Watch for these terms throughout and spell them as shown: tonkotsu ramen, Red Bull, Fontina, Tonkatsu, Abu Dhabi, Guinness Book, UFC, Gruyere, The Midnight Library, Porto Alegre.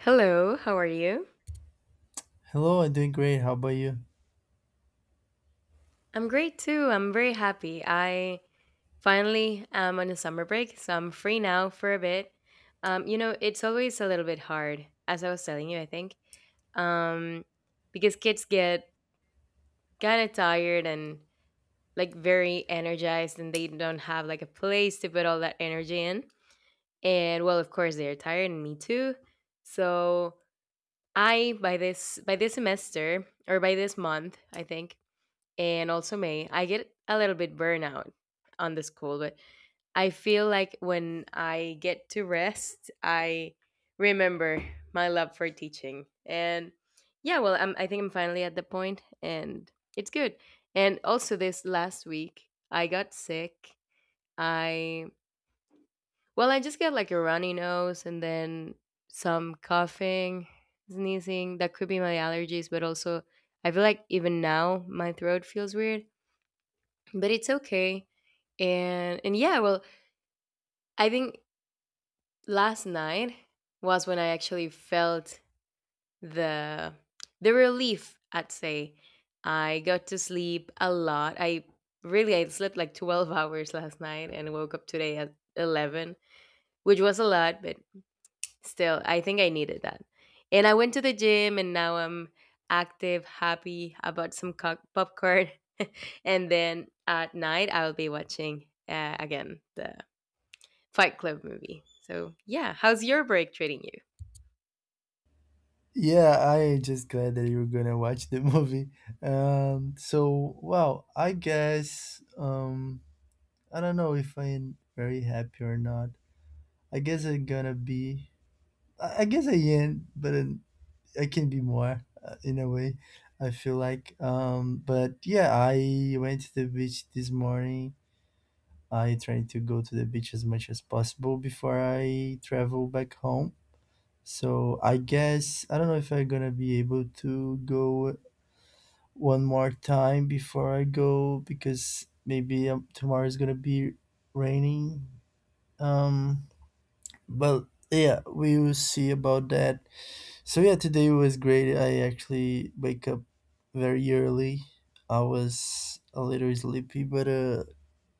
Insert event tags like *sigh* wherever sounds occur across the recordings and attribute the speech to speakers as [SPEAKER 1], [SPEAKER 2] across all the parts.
[SPEAKER 1] Hello, how are you?
[SPEAKER 2] Hello, I'm doing great. How about you?
[SPEAKER 1] I'm great too. I'm very happy. I finally am on a summer break, so I'm free now for a bit. It's always a little bit hard, as I was telling you, um, because kids get kind of tired and like very energized, and they don't have like a place to put all that energy in. And well, of course, they're tired and me too. So I, by this semester or by this month, I think, and also May, I get a little bit burnout on the school. But I feel like when I get to rest, I remember my love for teaching. And yeah, well, I think I'm finally at the point, and it's good. And also, this last week, I got sick. I, well, I just got like a runny nose and then some coughing, sneezing. That could be my allergies, but also, I feel like even now my throat feels weird, but it's okay. And yeah, well, I think last night was when I actually felt the the relief, I'd say. I got to sleep a lot. I really, I slept like 12 hours last night and woke up today at 11, which was a lot, but still I think I needed that. And I went to the gym, and now I'm active, happy. I bought some popcorn, *laughs* and then at night I'll be watching, again, the Fight Club movie. So, yeah, how's your break treating you?
[SPEAKER 2] Yeah, I just glad that you're gonna watch the *laughs* movie. So wow, I guess I don't know if I'm very happy or not. I guess I'm gonna be. I guess I am, but I can be more in a way. I feel like. But yeah, I went to the beach this morning. I tried to go to the beach as much as possible before I travel back home. So I guess I don't know if I'm gonna be able to go one more time before I go because maybe tomorrow is gonna be raining. Um, but yeah, we will see about that. So yeah, today was great. I actually wake up very early. I was a little sleepy, but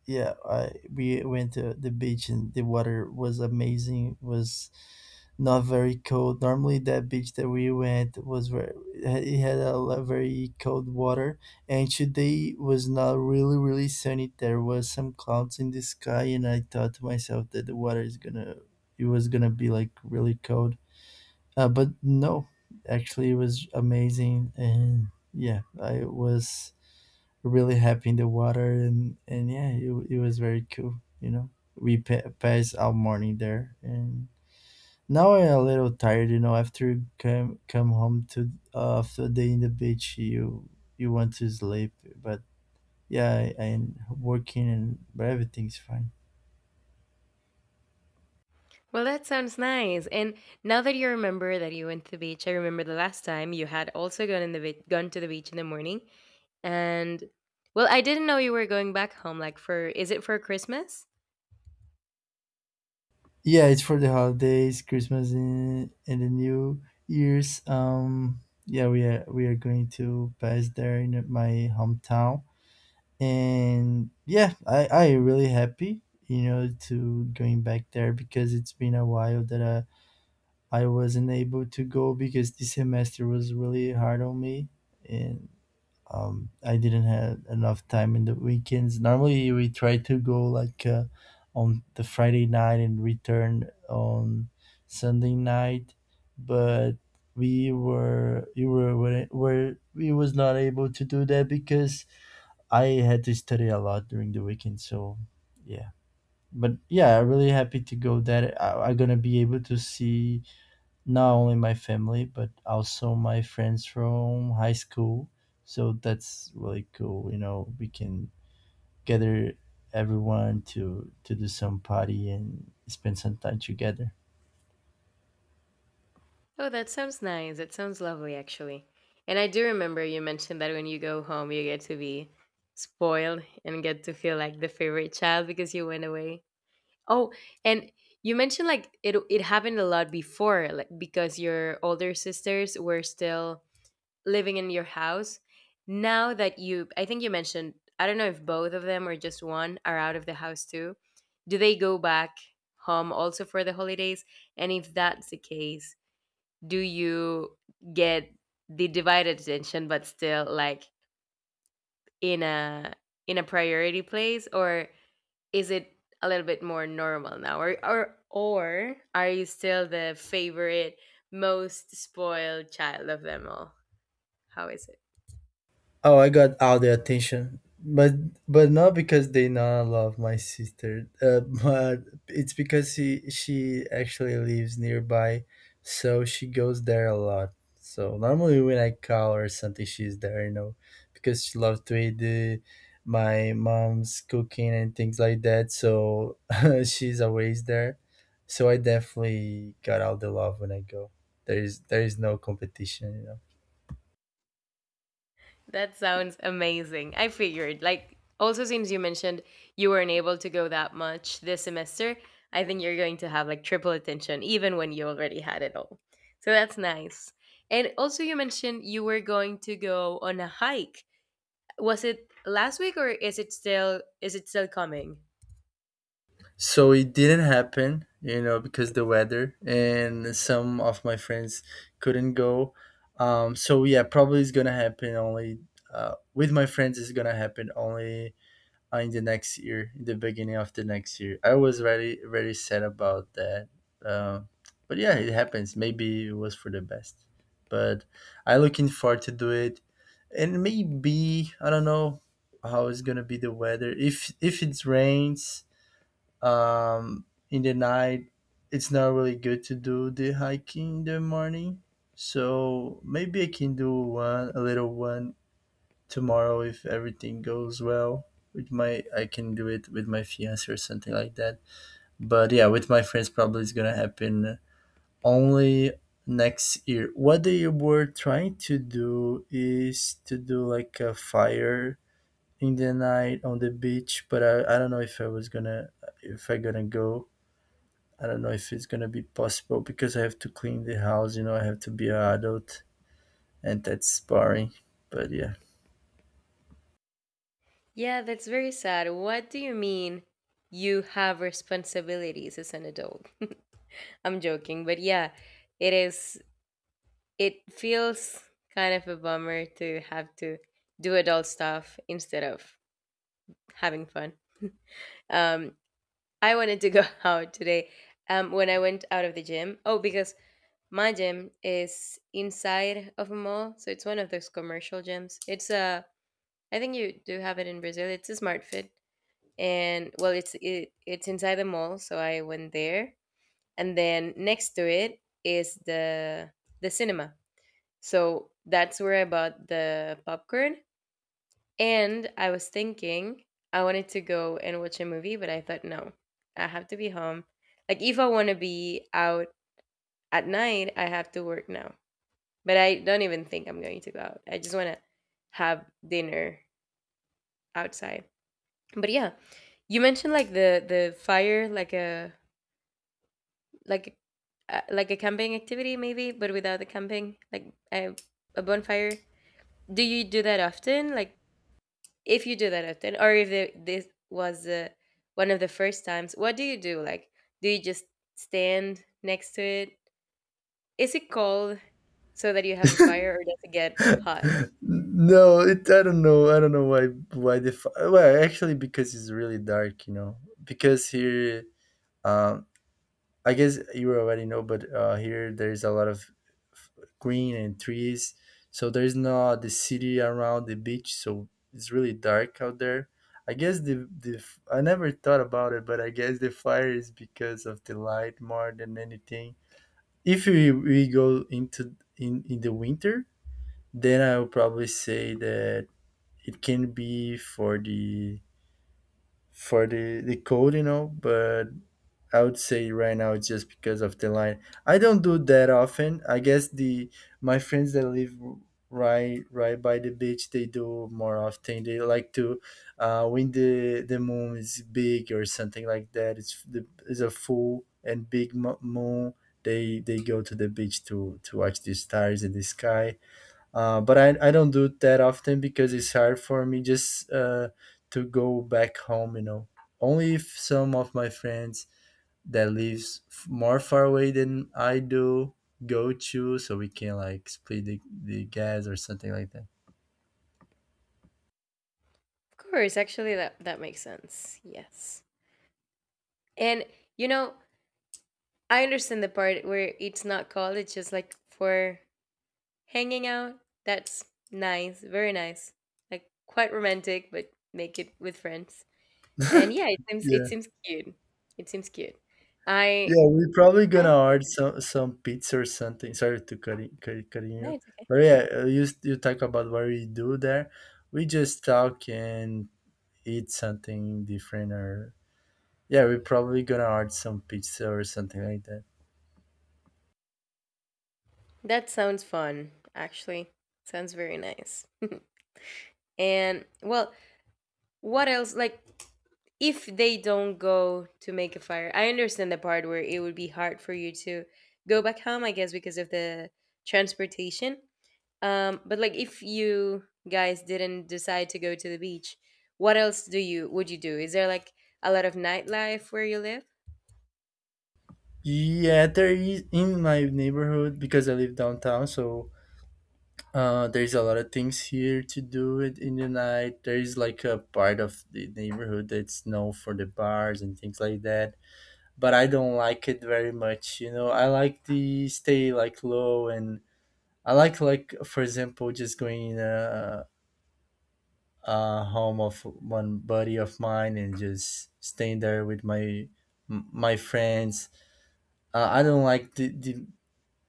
[SPEAKER 2] yeah, I we went to the beach and the water was amazing. Was not very cold. Normally, that beach that we went was very, it had a very cold water, and today was not really sunny. There was some clouds in the sky, and I thought to myself that the water is gonna it was gonna be like really cold. But no, actually, it was amazing, and yeah, I was really happy in the water, and yeah, it was very cool. You know, we passed all morning there, and now I'm a little tired. You know, after you come home to after a day in the beach, you want to sleep. But yeah, I'm working, and but everything's fine.
[SPEAKER 1] Well, that sounds nice. And now that you remember that you went to the beach, I remember the last time you had also gone in the gone to the beach in the morning. And well, I didn't know you were going back home like for, is it for Christmas?
[SPEAKER 2] Yeah, it's for the holidays, Christmas, and the new year's. Yeah, we are going to pass there in my hometown. And yeah, I really happy, you know, to going back there because it's been a while that I wasn't able to go because this semester was really hard on me. And I didn't have enough time in the weekends. Normally we try to go like on the Friday night and return on Sunday night, but we were you were we was not able to do that because I had to study a lot during the weekend, so yeah. But yeah, I'm really happy to go there. I'm gonna be able to see not only my family but also my friends from high school. So that's really cool. You know, we can gather everyone to do some party and spend some time together.
[SPEAKER 1] Oh, that sounds nice. That sounds lovely actually. And I do remember you mentioned that when you go home, you get to be spoiled and get to feel like the favorite child because you went away. Oh, and you mentioned like it happened a lot before, like because your older sisters were still living in your house. Now that you, I think you mentioned, I don't know if both of them or just one are out of the house too. Do they go back home also for the holidays? And if that's the case, do you get the divided attention but still like in a in a priority place, or is it a little bit more normal now, or are you still the favorite, most spoiled child of them all? How is it?
[SPEAKER 2] Oh, I got all the attention, but not because they not love my sister, *laughs* but it's because she actually lives nearby, so she goes there a lot. So normally when I call her something, she's there, you know, because she loves to eat my mom's cooking and things like that. So *laughs* she's always there. So I definitely got all the love when I go. There is no competition, you know.
[SPEAKER 1] That sounds amazing. I figured, like, also since you mentioned you weren't able to go that much this semester, I think you're going to have like triple attention even when you already had it all, so that's nice. And also you mentioned you were going to go on a hike. Was it last week, or is it still, is it still coming?
[SPEAKER 2] So it didn't happen, you know, because the weather and some of my friends couldn't go. So yeah, probably it's gonna happen only with my friends. It's gonna happen only in the next year, in the beginning of the next year. I was very sad about that, uh, but yeah, it happens. Maybe it was for the best. But I looking forward to do it, and maybe I don't know how it's gonna be the weather. If it rains um in the night, it's not really good to do the hiking in the morning. So maybe I can do one a little one tomorrow if everything goes well with my, I can do it with my fiance or something like that. But yeah, with my friends, probably it's gonna happen only next year. What they were trying to do is to do like a fire in the night on the beach, but I don't know if I was gonna, if I gonna go. I don't know if it's gonna be possible because I have to clean the house, you know. I have to be an adult, and that's boring. But yeah.
[SPEAKER 1] Yeah, that's very sad. What do you mean you have responsibilities as an adult? I'm joking, but yeah, it is it feels kind of a bummer to have to do adult stuff instead of having fun. Um I wanted to go *laughs* out today when I went out of the gym. Oh, because my gym is inside of a mall, so it's one of those commercial gyms. It's a, I think you do have it in Brazil. It's a Smart Fit. And well, it's inside the mall, so I went there, and then next to it is the cinema, so that's where I bought the popcorn. And I was thinking, I wanted to go and watch a movie, but I thought, no, I have to be home. Like, if I want to be out at night, I have to work now. But I don't even think I'm going to go out. I just want to have dinner outside. But yeah, you mentioned like the fire, like a, like like a camping activity maybe, but without the camping, like a bonfire. Do you do that often? Like, if you do that often, or if the, this was one of the first times, what do you do? Like, do you just stand next to it? Is it cold so that you have a fire, or does it get hot?
[SPEAKER 2] No, it I don't know. I don't know why the well, actually because it's really dark, you know. Because here um I guess you already know, but here there's a lot of f- green and trees. So there's not the city around the beach, so it's really dark out there. I guess the I never thought about it, but I guess the fire is because of the light more than anything. If we, we go into in the winter, then I would probably say that it can be for the for the cold, you know, but I would say right now it's just because of the line. I don't do that often. I guess the my friends that live right by the beach, they do more often. They like to when the moon is big or something like that. It's the it's a full and big moon. They go to the beach to watch the stars in the sky. But I don't do it that often because it's hard for me just to go back home. You know, only if some of my friends that lives more far away than I do go to, so we can like split the gas or something like that.
[SPEAKER 1] Of course, actually, that makes sense. Yes, and you know, I understand the part where it's not cold. It's just like for hanging out. That's nice, very nice. Like quite romantic, but make it with friends. And yeah, it seems it
[SPEAKER 2] Yeah,
[SPEAKER 1] seems cute. It seems cute. I
[SPEAKER 2] yeah, we're probably
[SPEAKER 1] I
[SPEAKER 2] gonna order some pizza or something. Sorry to cutting
[SPEAKER 1] No,
[SPEAKER 2] you,
[SPEAKER 1] it's
[SPEAKER 2] but
[SPEAKER 1] okay.
[SPEAKER 2] yeah, you talk about what we do there. We just talk and eat something different, or yeah, we're probably gonna order some pizza or something like that.
[SPEAKER 1] That sounds fun, actually. Sounds very nice. And well, what else? Like, if they don't go to make a fire, I understand the part where it would be hard for you to go back home, I guess, because of the transportation. But like, if you guys didn't decide to go to the beach, what else do you would you do? Is there like a lot of nightlife where you live?
[SPEAKER 2] Yeah, there is in my neighborhood because I live downtown, so there's a lot of things here to do it in the night. There is like a part of the neighborhood that's known for the bars and things like that. But I don't like it very much. You know, I like the stay like low, and I like for example just going in a home of one buddy of mine and just staying there with my my friends. I don't like the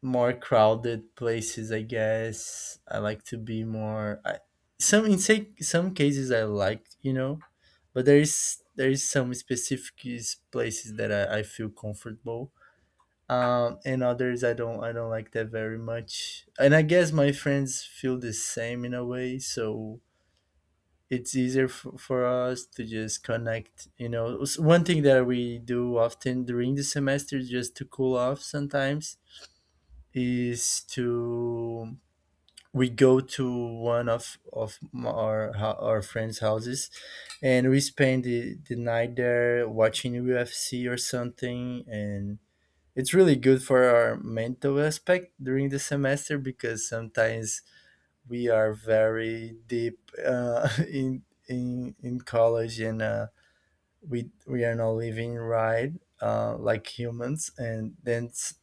[SPEAKER 2] more crowded places. I guess I like to be more some in say, some cases I like, you know, but there is some specific places that I feel comfortable, and others I don't, I don't like that very much. And I guess my friends feel the same in a way, so it's easier for us to just connect, you know. One thing that we do often during the semester is just to cool off sometimes is to, we go to one of our our friends' houses, and we spend the night there watching UFC or something, and it's really good for our mental aspect during the semester because sometimes we are very deep *laughs* in in college and. We are not living right like humans, and then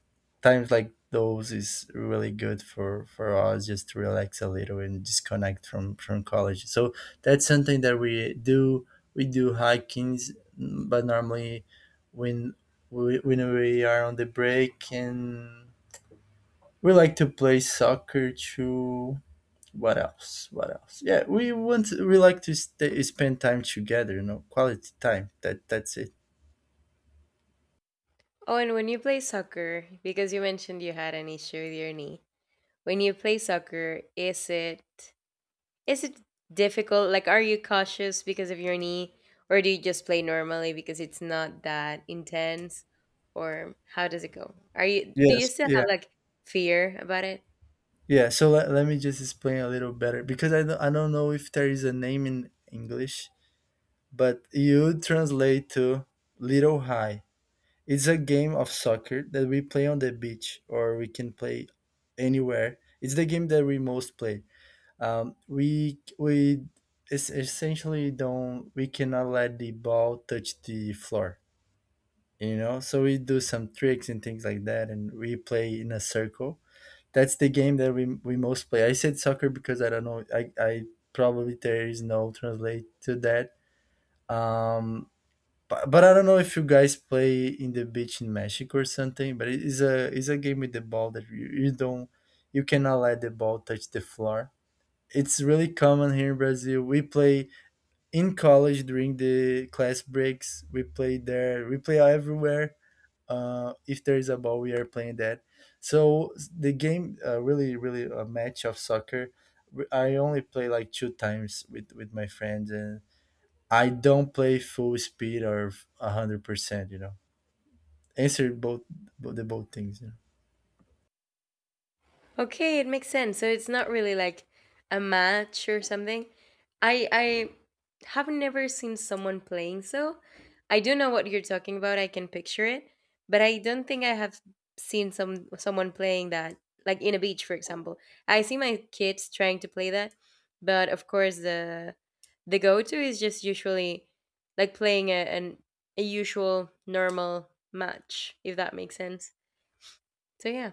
[SPEAKER 2] times like those is really good for us just to relax a little and disconnect from college. So that's something that we do. We do hikings, but normally when when we are on the break, and we like to play soccer too. What else, what else? Yeah, we like to spend time together, you know, quality time. That's it.
[SPEAKER 1] Oh, and when you play soccer, because you mentioned you had an issue with your knee. When you play soccer, is it difficult? Like, are you cautious because of your knee, or do you just play normally because it's not that intense? Or how does it go? Are you Do you
[SPEAKER 2] Yes,
[SPEAKER 1] still
[SPEAKER 2] yeah,
[SPEAKER 1] have like fear about it?
[SPEAKER 2] yeah. So let me just explain a little better because I don't know if there is a name in English, but you translate to Little High. It's a game of soccer that we play on the beach, or we can play anywhere. It's the game that we most play. We essentially don't, we cannot let the ball touch the floor, you know. So we do some tricks and things like that, and we play in a circle. That's the game that we most play. I said soccer because I don't know. I probably there is no translate to that. Um, but I don't know if you guys play in the beach in Mexico or something. But it is a it's a game with the ball that you don't, you cannot let the ball touch the floor. It's really common here in Brazil. We play in college during the class breaks. We play there. We play everywhere if there is a ball we are playing that. So the game, really really a match of soccer. I only play like 2 times with my friends and I don't play full speed or a 100%, you know answer both things.
[SPEAKER 1] Okay, it makes sense. So it's not really like a match or something. I have never seen someone playing so. I do know what you're talking about. I can picture it, but I don't think I have seen someone playing that like in a beach, for example. I see my kids trying to play that, but of course the go-to is just usually like playing a an a usual normal match, if that makes sense. So yeah.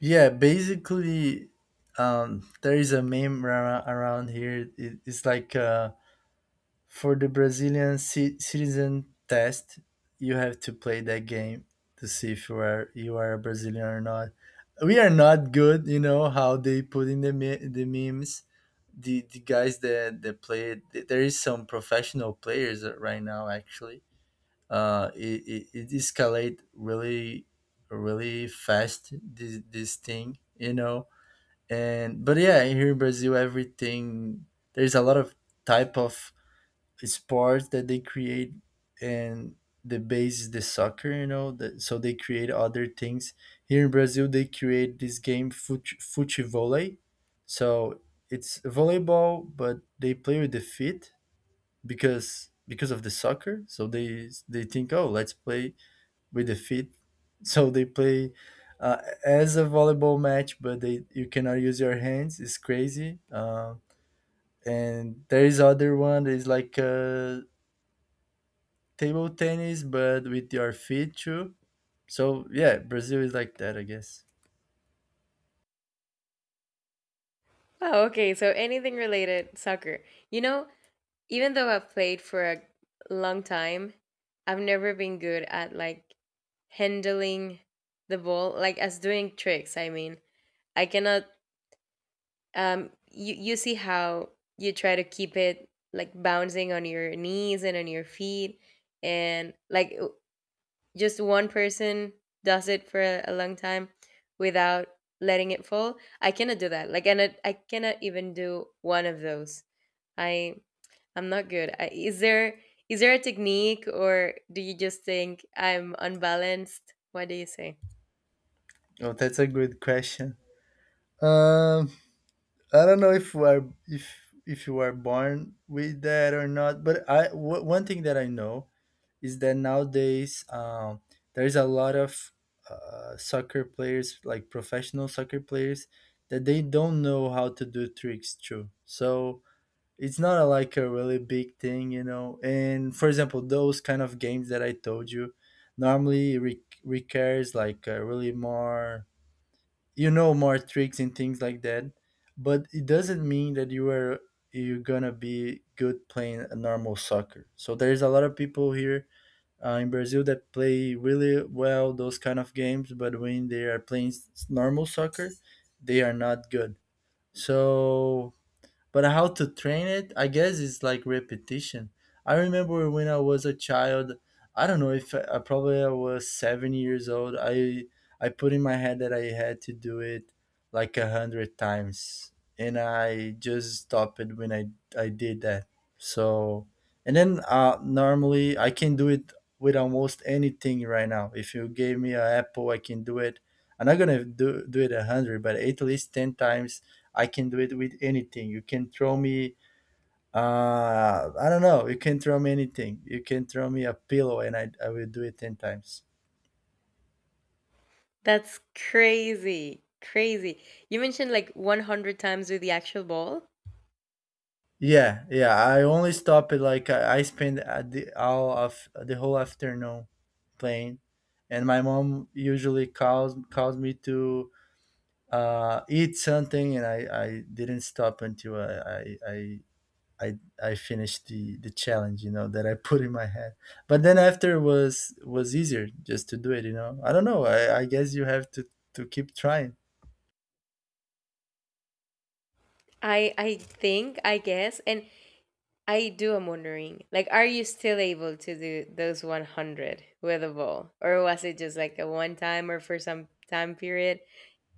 [SPEAKER 2] Yeah, basically, there is a meme around here. It's like, for the Brazilian citizen test, you have to play that game to see if you are a Brazilian or not. We are not good, you know how they put in the the memes. The guys that play it, there is some professional players right now actually. It escalate really really fast this thing. And but yeah, here in Brazil, everything, there's a lot of type of sports that they create, and the base is the soccer, that, so they create other things. Here in Brazil they create this game fute volley. So it's volleyball but they play with the feet, because of the soccer, so they think, oh, let's play with the feet. *laughs* So they play, as a volleyball match but they you cannot use your hands. It's crazy. And there is other one that is like, table tennis, but with your feet too. So yeah, Brazil is like that, I guess.
[SPEAKER 1] Oh, okay. So anything related soccer. You know, even though I've played for a long time, I've never been good at like handling the ball, like as doing tricks. I mean, I cannot. You see how you try to keep it like bouncing on your knees and on your feet, and like just one person does it for a long time without letting it fall. I cannot do that. I cannot even do one of those. I I'm not good. Is there is there a technique, or do you just think I'm unbalanced? What do you say?
[SPEAKER 2] Oh, that's a good question. Um, I don't know if we're if you are born with that or not, but one thing that I know is that nowadays, there is a lot of, soccer players, like professional soccer players, that they don't know how to do tricks too. So it's not like a really big thing. And for example, those kind of games that I told you normally requires like a really more, more tricks and things like that. But it doesn't mean that you're gonna be good playing a normal soccer. So there's a lot of people here, in Brazil that play really well those kind of games, but when they are playing normal soccer, they are not good. So but how to train it, I guess it's like repetition. I remember when I was a child. I don't know if I was 7 years old. I put in my head that I had to do it like 100 times, and I just stopped it when I did that. So and then, normally I can do it with almost anything right now. If you gave me an apple, I can do it. I'm not gonna do it 100, but at least 10 times I can do it with anything. You can throw me, I don't know, you can throw me anything. You can throw me a pillow and I will do it 10 times.
[SPEAKER 1] That's crazy. Crazy. You mentioned like 100 times with the actual ball.
[SPEAKER 2] Yeah, yeah, I only stop it like I spend, the all of the whole afternoon playing and my mom usually calls me to eat something and I didn't stop until I I I finished the challenge, that I put in my head. But then after was easier just to do it. I don't know. I guess you have to keep trying.
[SPEAKER 1] I guess, and I do, I am wondering, like, are you still able to do those 100 with a ball, or was it just like a one time or for some time period?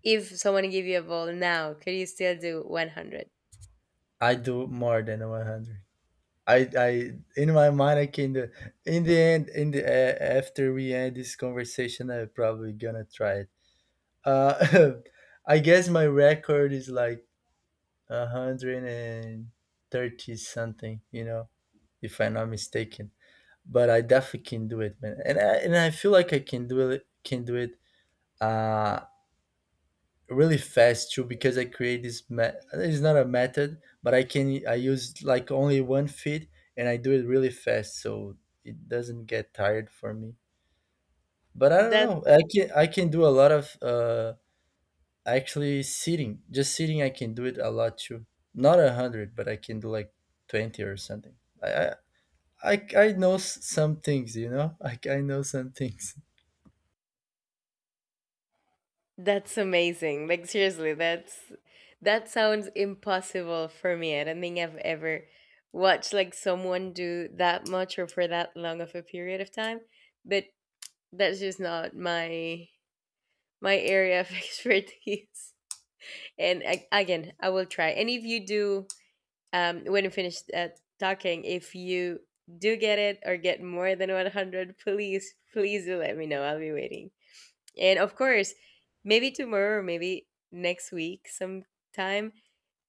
[SPEAKER 1] If someone give you a ball now, could you still do 100?
[SPEAKER 2] I do more than 100. I in my mind I can do. In the end, in the after we end this conversation, I'm probably gonna try it. Uh, *laughs* I guess my record is like 130 something, if I'm not mistaken. But I definitely can do it, man. And I feel like I can do it uh really fast too because I create this it's not a method, but I use like only one feed and I do it really fast so it doesn't get tired for me. But I don't
[SPEAKER 1] That's
[SPEAKER 2] know. I can do a lot of, actually sitting. Just sitting I can do it a lot too. Not 100, but I can do like 20 or something. I I I know some things, you know? *laughs* I know some things.
[SPEAKER 1] That's amazing. Like, seriously, that's that sounds impossible for me. I don't think I've ever watched like someone do that much or for that long of a period of time. But that's just not my area of *laughs* expertise. And again, I will try. And if you do, when you finish, talking, if you do get it or get more than 100, please, please do let me know. I'll be waiting. And of course, maybe tomorrow, or maybe next week sometime,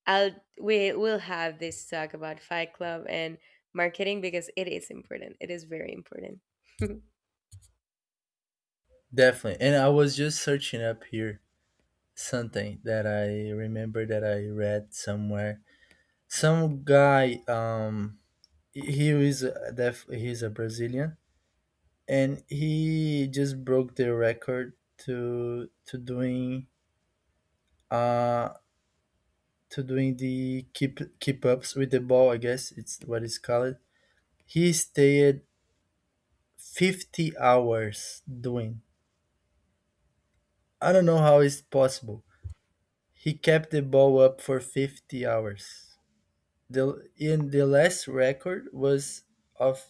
[SPEAKER 1] I'll we will have this talk about Fight Club and marketing, because it is important. It is very important.
[SPEAKER 2] Definitely. And I was just searching up here something that I remember that I read somewhere. Some guy, he's a Brazilian, and he just broke the record to to doing uh to doing the keep ups with the ball. I guess it's what it's called. He stayed 50 hours doing. I don't know how it's possible. He kept the ball up for 50 hours. The In the last record was of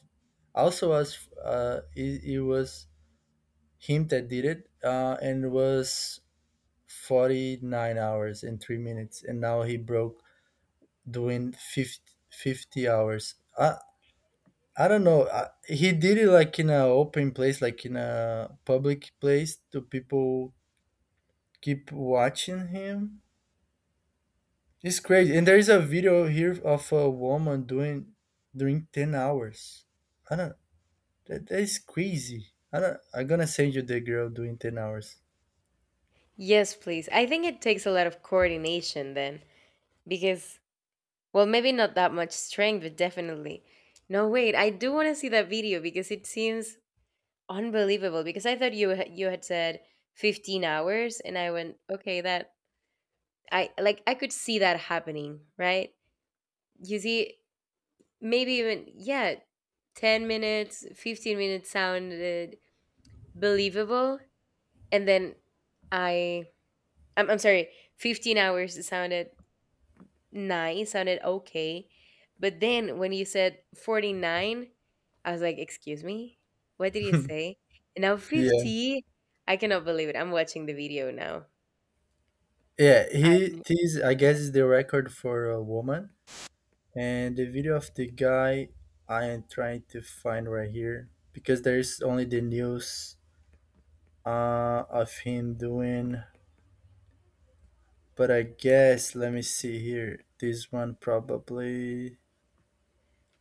[SPEAKER 2] also was it was him that did it, and was 49 hours and 3 minutes. And now he broke doing fifty hours. I don't know. He did it like in a open place, like in a public place to people keep watching him. It's crazy. And there is a video here of a woman doing during 10 hours. I don't. That is crazy. I don't, I'm gonna send you the girl doing 10 hours.
[SPEAKER 1] *laughs* Yes, please. I think it takes a lot of coordination then, because well, maybe not that much strength, but definitely. No, wait. I do want to see that video because it seems unbelievable, because I thought you you had said 15 hours, and I went, "Okay, that I like I could see that happening, right? You see, maybe even, yeah, 10 minutes, 15 minutes sounded believable. And then i I'm sorry, 15 hours sounded nice, sounded okay. But then when you said 49, I was like, excuse me, what did you say? And now
[SPEAKER 2] Yeah.
[SPEAKER 1] 50, I cannot believe it. I'm watching the video now.
[SPEAKER 2] Yeah,
[SPEAKER 1] I
[SPEAKER 2] he this I guess is the record for a woman. And the video of the guy I am trying to find right here because there is only the news, of him doing, but I guess let me see here. This one probably.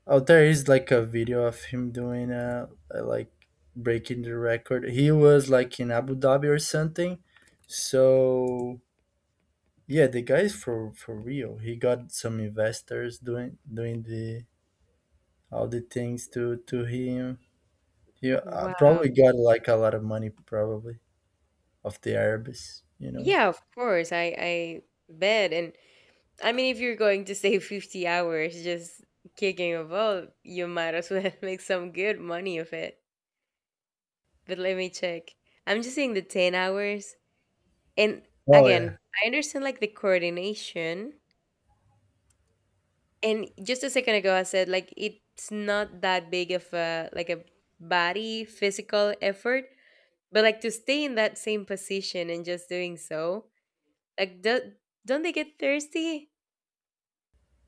[SPEAKER 2] Oh, there is like a video of him doing, like breaking the record. He was like in Abu Dhabi or something. So yeah, the guy is for real. He got some investors doing the all the things to him. He,
[SPEAKER 1] Wow.
[SPEAKER 2] probably got like a lot of money probably of the Arabs.
[SPEAKER 1] Yeah, of course. I bet. And I mean, if you're going to save 50 hours just kicking a ball, you might as well *laughs* make some good money of it. But let me check. I'm just seeing the 10 hours. And
[SPEAKER 2] Oh
[SPEAKER 1] again,
[SPEAKER 2] yeah.
[SPEAKER 1] I understand like the coordination. And just a second ago, I said like it's not that big of a like a body physical effort, but like to stay in that same position and just doing so, like do, don't they get thirsty?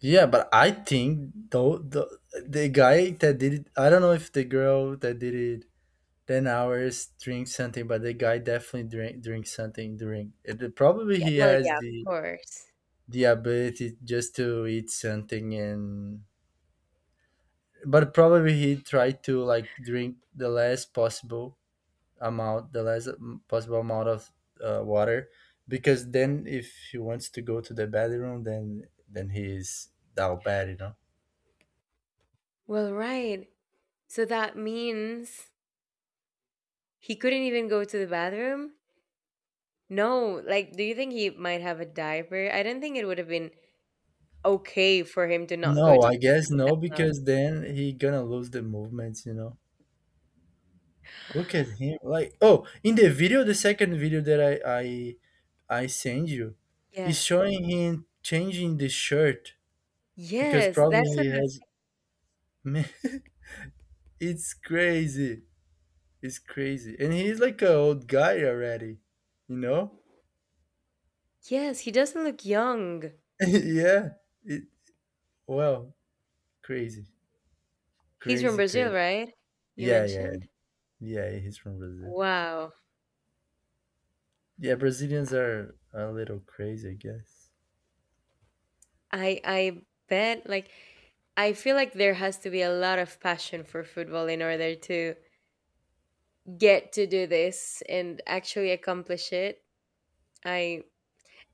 [SPEAKER 2] Yeah, but I think though the guy that did it, I don't know if the girl that did it 10 hours drink something, but the guy definitely drink something during it, probably
[SPEAKER 1] Yeah.
[SPEAKER 2] he
[SPEAKER 1] Well,
[SPEAKER 2] has
[SPEAKER 1] yeah,
[SPEAKER 2] the
[SPEAKER 1] of course.
[SPEAKER 2] the ability just to eat something, and but probably he tried to like drink the less possible amount of, water, because then if he wants to go to the bathroom, then he's down bad.
[SPEAKER 1] Well, right. So that means he couldn't even go to the bathroom? No, like, do you think he might have a diaper? I don't think it would have been okay for him to not
[SPEAKER 2] No,
[SPEAKER 1] go to the
[SPEAKER 2] I guess
[SPEAKER 1] bathroom.
[SPEAKER 2] no, because then he gonna lose the movements. Look at him. Like, oh, in the video, the second video that I send you,
[SPEAKER 1] Yeah.
[SPEAKER 2] is showing him changing the shirt because
[SPEAKER 1] Yes,
[SPEAKER 2] probably
[SPEAKER 1] that's what
[SPEAKER 2] he
[SPEAKER 1] I
[SPEAKER 2] has.
[SPEAKER 1] was.
[SPEAKER 2] Man, *laughs* it's crazy. It's crazy, and he's like an old guy already. You know?
[SPEAKER 1] Yes, he doesn't look young.
[SPEAKER 2] *laughs* yeah. It, well, crazy,
[SPEAKER 1] He's from
[SPEAKER 2] crazy,
[SPEAKER 1] Brazil,
[SPEAKER 2] crazy.
[SPEAKER 1] right? You
[SPEAKER 2] Yeah, yeah,
[SPEAKER 1] mentioned?
[SPEAKER 2] yeah. He's from Brazil.
[SPEAKER 1] Wow.
[SPEAKER 2] Yeah, Brazilians are a little crazy, I guess.
[SPEAKER 1] I bet. I feel like there has to be a lot of passion for football in order to get to do this and actually accomplish it. I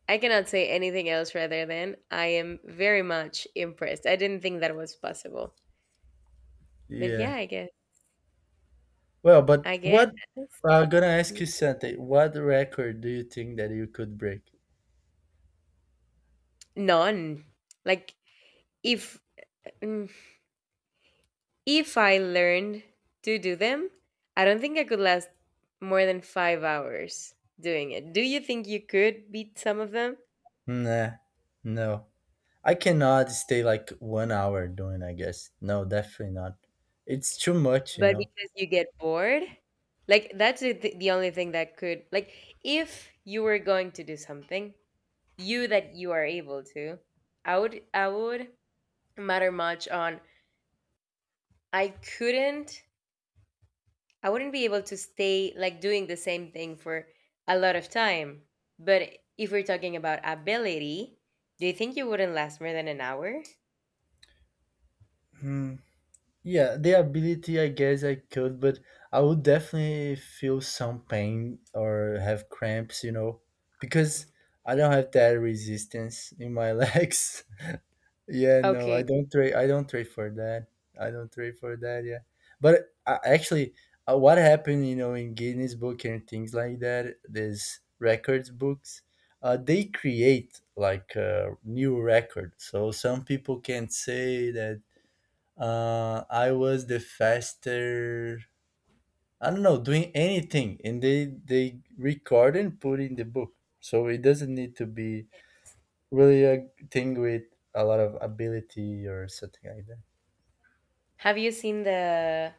[SPEAKER 1] I cannot say anything else rather than I am very much impressed. I didn't think that was possible. But yeah,
[SPEAKER 2] Yeah.
[SPEAKER 1] I guess.
[SPEAKER 2] Well, but
[SPEAKER 1] I guess
[SPEAKER 2] what I'm gonna ask you something. What record do you think that you could break?
[SPEAKER 1] none. Like, if mm, if I learned to do them, I don't think I could last more than 5 hours doing it. Do you think you could beat some of them?
[SPEAKER 2] Nah, no. I cannot stay like 1 hour doing, I guess. No, definitely not. It's too much, you
[SPEAKER 1] But
[SPEAKER 2] know.
[SPEAKER 1] because you get bored? Like, that's the, the only thing that could, like, if you were going to do something, you that you are able to, I would matter much on I couldn't I wouldn't be able to stay like doing the same thing for a lot of time. But if we're talking about ability, do you think you wouldn't last more than an hour?
[SPEAKER 2] Hmm. Yeah, the ability, I guess I could, but I would definitely feel some pain or have cramps, because I don't have that resistance in my *laughs* legs. Yeah, no,
[SPEAKER 1] Okay.
[SPEAKER 2] I don't trade. I don't trade for that. I don't trade for that. Yeah, but, actually, what happened, in Guinness Book and things like that, these records books, they create like a new record. So some people can say that, I was the faster. I don't know, doing anything, and they record and put in the book. So it doesn't need to be really a thing with a lot of ability or something like that.
[SPEAKER 1] Have you seen the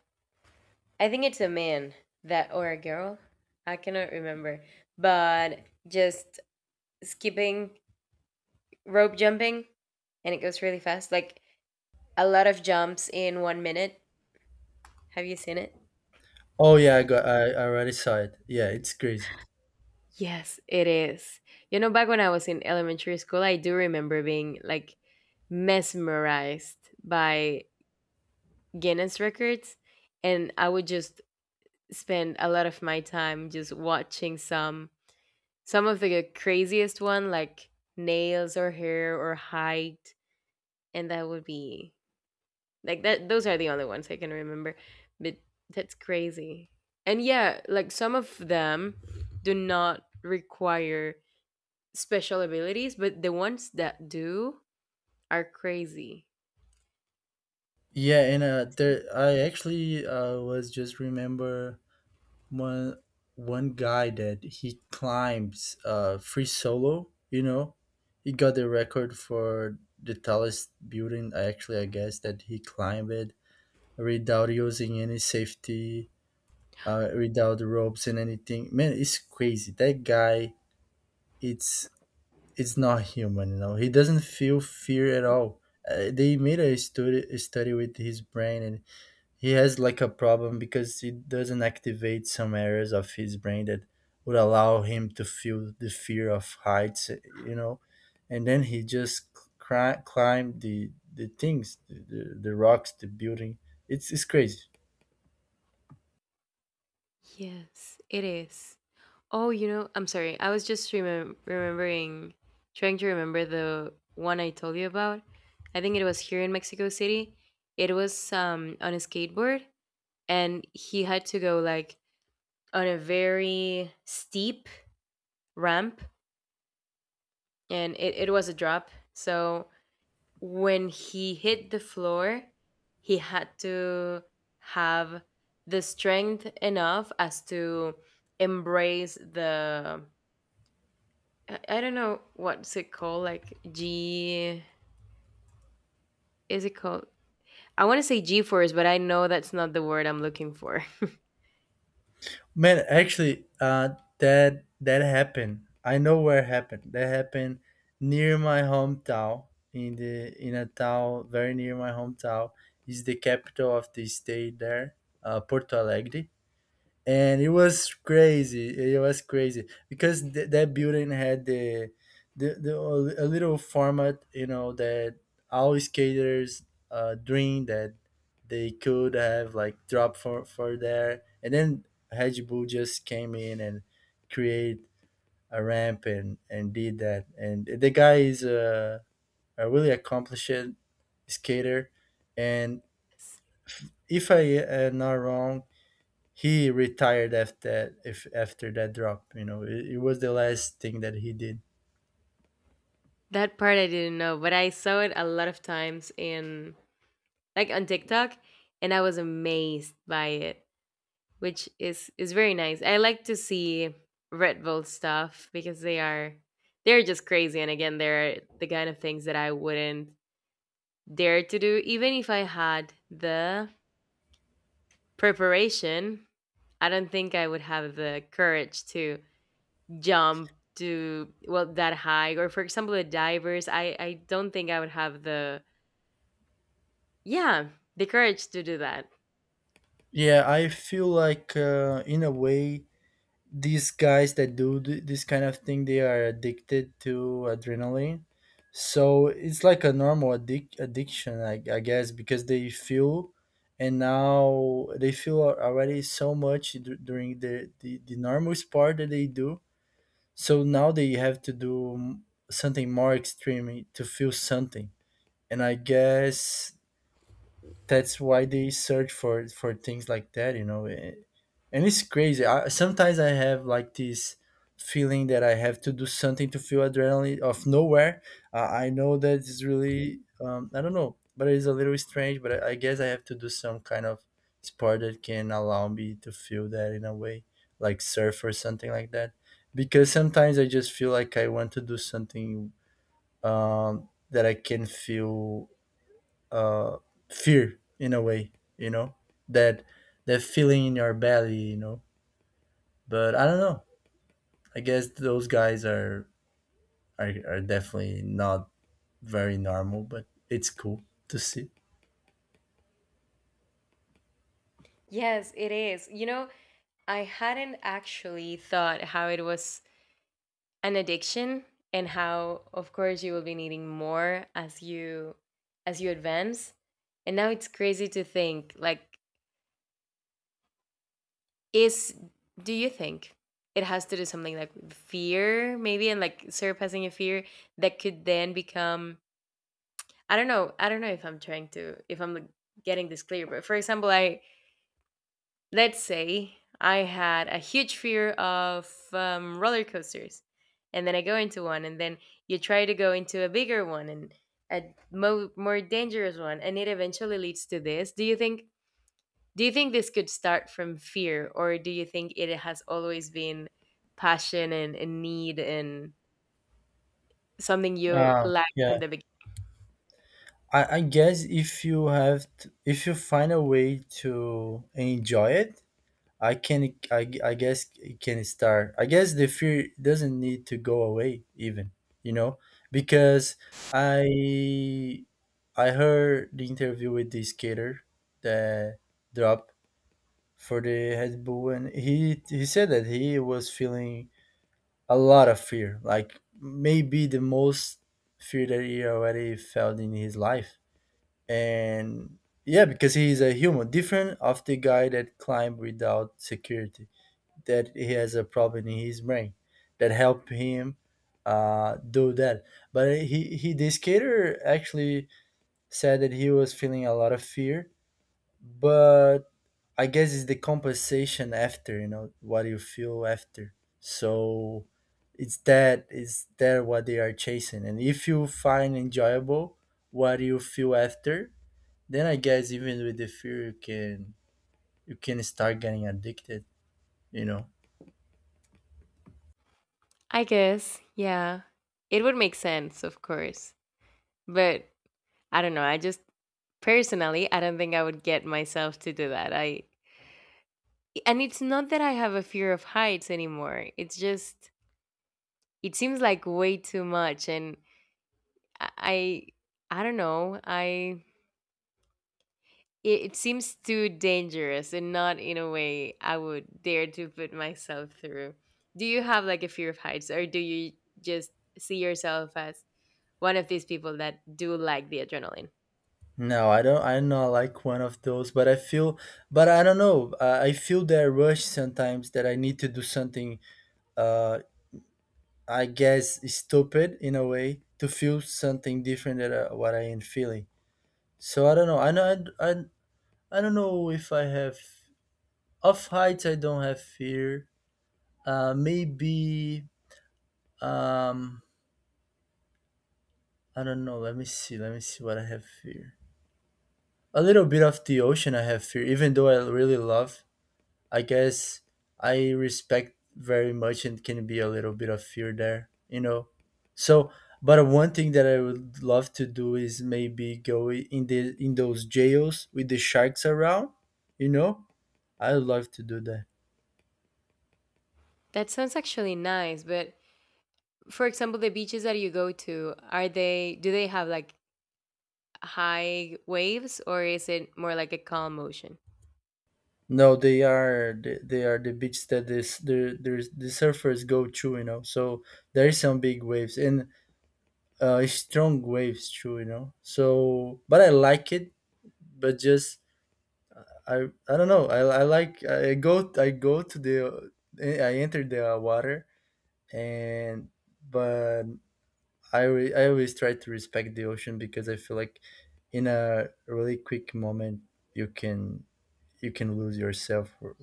[SPEAKER 1] I think it's a man that, or a girl? I cannot remember. But just skipping rope jumping and it goes really fast. Like a lot of jumps in one minute. Have you seen it?
[SPEAKER 2] Oh yeah, I already saw it. Yeah, it's crazy.
[SPEAKER 1] Yes, it is. You know, back when I was in elementary school, I do remember being like mesmerized by Guinness records, and I would just spend a lot of my time just watching some of the craziest one like nails or hair or height, and that would be like that those are the only ones I can remember. But that's crazy. And yeah, like, some of them do not require special abilities, but the ones that do are crazy.
[SPEAKER 2] Yeah, and, there I actually, was just remember one one guy that he climbs, free solo. You know, he got the record for the tallest building. I Actually, I guess that he climbed it without using any safety, without ropes and anything. Man, it's crazy. That guy, it's it's not human, he doesn't feel fear at all. They made a study with his brain, and he has like a problem because he doesn't activate some areas of his brain that would allow him to feel the fear of heights. And then he just climbed the things the rocks, the building. It's crazy.
[SPEAKER 1] Yes, it is. Oh, you know, I'm sorry. I was remembering, trying to remember the one I told you about. I think it was here in Mexico City. It was on a skateboard, and he had to go like on a very steep ramp, and it was a drop. So when he hit the floor, he had to have the strength enough as to embrace the I don't know what's it called, like G, is it called, I want to say G force, but I know that's not the word I'm looking for.
[SPEAKER 2] Man, actually, that happened. I know where it happened. That happened near my hometown, in a town very near my hometown. Is the capital of the state there, Porto Alegre, and it was crazy. It was crazy because that building had the a little format, that all skaters, dream that they could have like drop for there, and then Hedgebull just came in and create a ramp and did that. And the guy is a really accomplished skater, and
[SPEAKER 1] *laughs*
[SPEAKER 2] if I am not wrong, he retired after if after that drop, you know, it was the last thing that he did.
[SPEAKER 1] that part I didn't know, but I saw it a lot of times in, like, on TikTok, and I was amazed by it. Which is very nice. I like to see Red Bull stuff because they are, they're just crazy, and again they're the kind of things that I wouldn't dare to do even if I had the preparation. I don't think I would have the courage to jump to, well, that high, or for example the divers, I don't think I would have the yeah, the courage to do that.
[SPEAKER 2] Yeah, I feel like in a way, these guys that do this kind of thing, they are addicted to adrenaline. So it's like a normal addiction, I guess, because they feel, and now they feel already so much during the normal sport that they do, so now they have to do something more extreme to feel something. And I guess that's why they search for things like that, you know. And it's crazy. I, sometimes I have like this feeling that I have to do something to feel adrenaline of nowhere. I know that it's really I don't know, but it's a little strange. But I guess I have to do some kind of sport that can allow me to feel that in a way, like surf or something like that. Because sometimes I just feel like I want to do something that I can feel uh, fear in a way, you know, that that feeling in your belly, you know. But I don't know. I guess those guys are are definitely not very normal, but it's cool to see.
[SPEAKER 1] Yes, it is. You know, I hadn't actually thought how it was an addiction and how of course you will be needing more as you, as you advance, and now it's crazy to think, like, is, do you think it has to do something like with fear maybe, and like surpassing a fear that could then become, I don't know, I don't know if I'm trying to, if I'm like, getting this clear, but for example, I Let's say I had a huge fear of roller coasters, and then I go into one, and then you try to go into a bigger one and a more dangerous one, and it eventually leads to this. Do you think? Do you think this could start from fear, or do you think it has always been passion and need and something you
[SPEAKER 2] Ah,
[SPEAKER 1] lack from
[SPEAKER 2] yeah.
[SPEAKER 1] the beginning?
[SPEAKER 2] I guess if you have, t if you find a way to enjoy it, I can I guess it can start. I guess the fear doesn't need to go away even, you know, because I I heard the interview with the skater that dropped for the Red Bull, and he said that he was feeling a lot of fear, like maybe the most fear that he already felt in his life. And yeah, because he is a human, different of the guy that climbed without security, that he has a problem in his brain that help him do that. But he the skater actually said that he was feeling a lot of fear, but I guess it's the compensation after, you know what you feel after. So it's that, it's that what they are chasing, and if you find enjoyable what you feel after, then I guess even with the fear you can start getting addicted. You know.
[SPEAKER 1] I guess, yeah. It would make sense, of course. But I don't know. I just, personally, I don't think I would get myself to do that. I, and it's not that I have a fear of heights anymore. It's just, it seems like way too much, and I I, don't know. I, it seems too dangerous and not in a way I would dare to put myself through. Do you have like a fear of heights, or do you just see yourself as one of these people that do like the adrenaline?
[SPEAKER 2] No, I don't. I not like one of those, but I feel, but I don't know. I feel that rush sometimes that I need to do something. Uh, I guess stupid in a way to feel something different than what I am feeling. So I don't know. I know. I don't know if I have off heights. I don't have fear. Maybe. Um, I don't know. Let me see. Let me see what I have fear. A little bit of the ocean. I have fear, even though I really love, I guess I respect very much and can be a little bit of fear there, you know. So, but one thing that I would love to do is maybe go in the in those jails with the sharks around, you know. I would love to do that.
[SPEAKER 1] That sounds actually nice, but for example, the beaches that you go to, are they, do they have like high waves, or is it more like a calm ocean?
[SPEAKER 2] No, they are they are the beach that this the there's the surfers go to, you know. So there is some big waves and strong waves too, you know. So, but I like it, but just I don't know. I like I go to the I enter the water and but I always try to respect the ocean because I feel like in a really quick moment you can you can lose yourself or-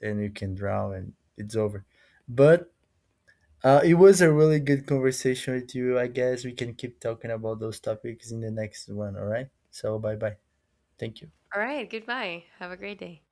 [SPEAKER 2] and you can drown and it's over. But it was a really good conversation with you. I guess we can keep talking about those topics in the next one. All right. So bye bye. Thank you.
[SPEAKER 1] All right, goodbye. Have a great day.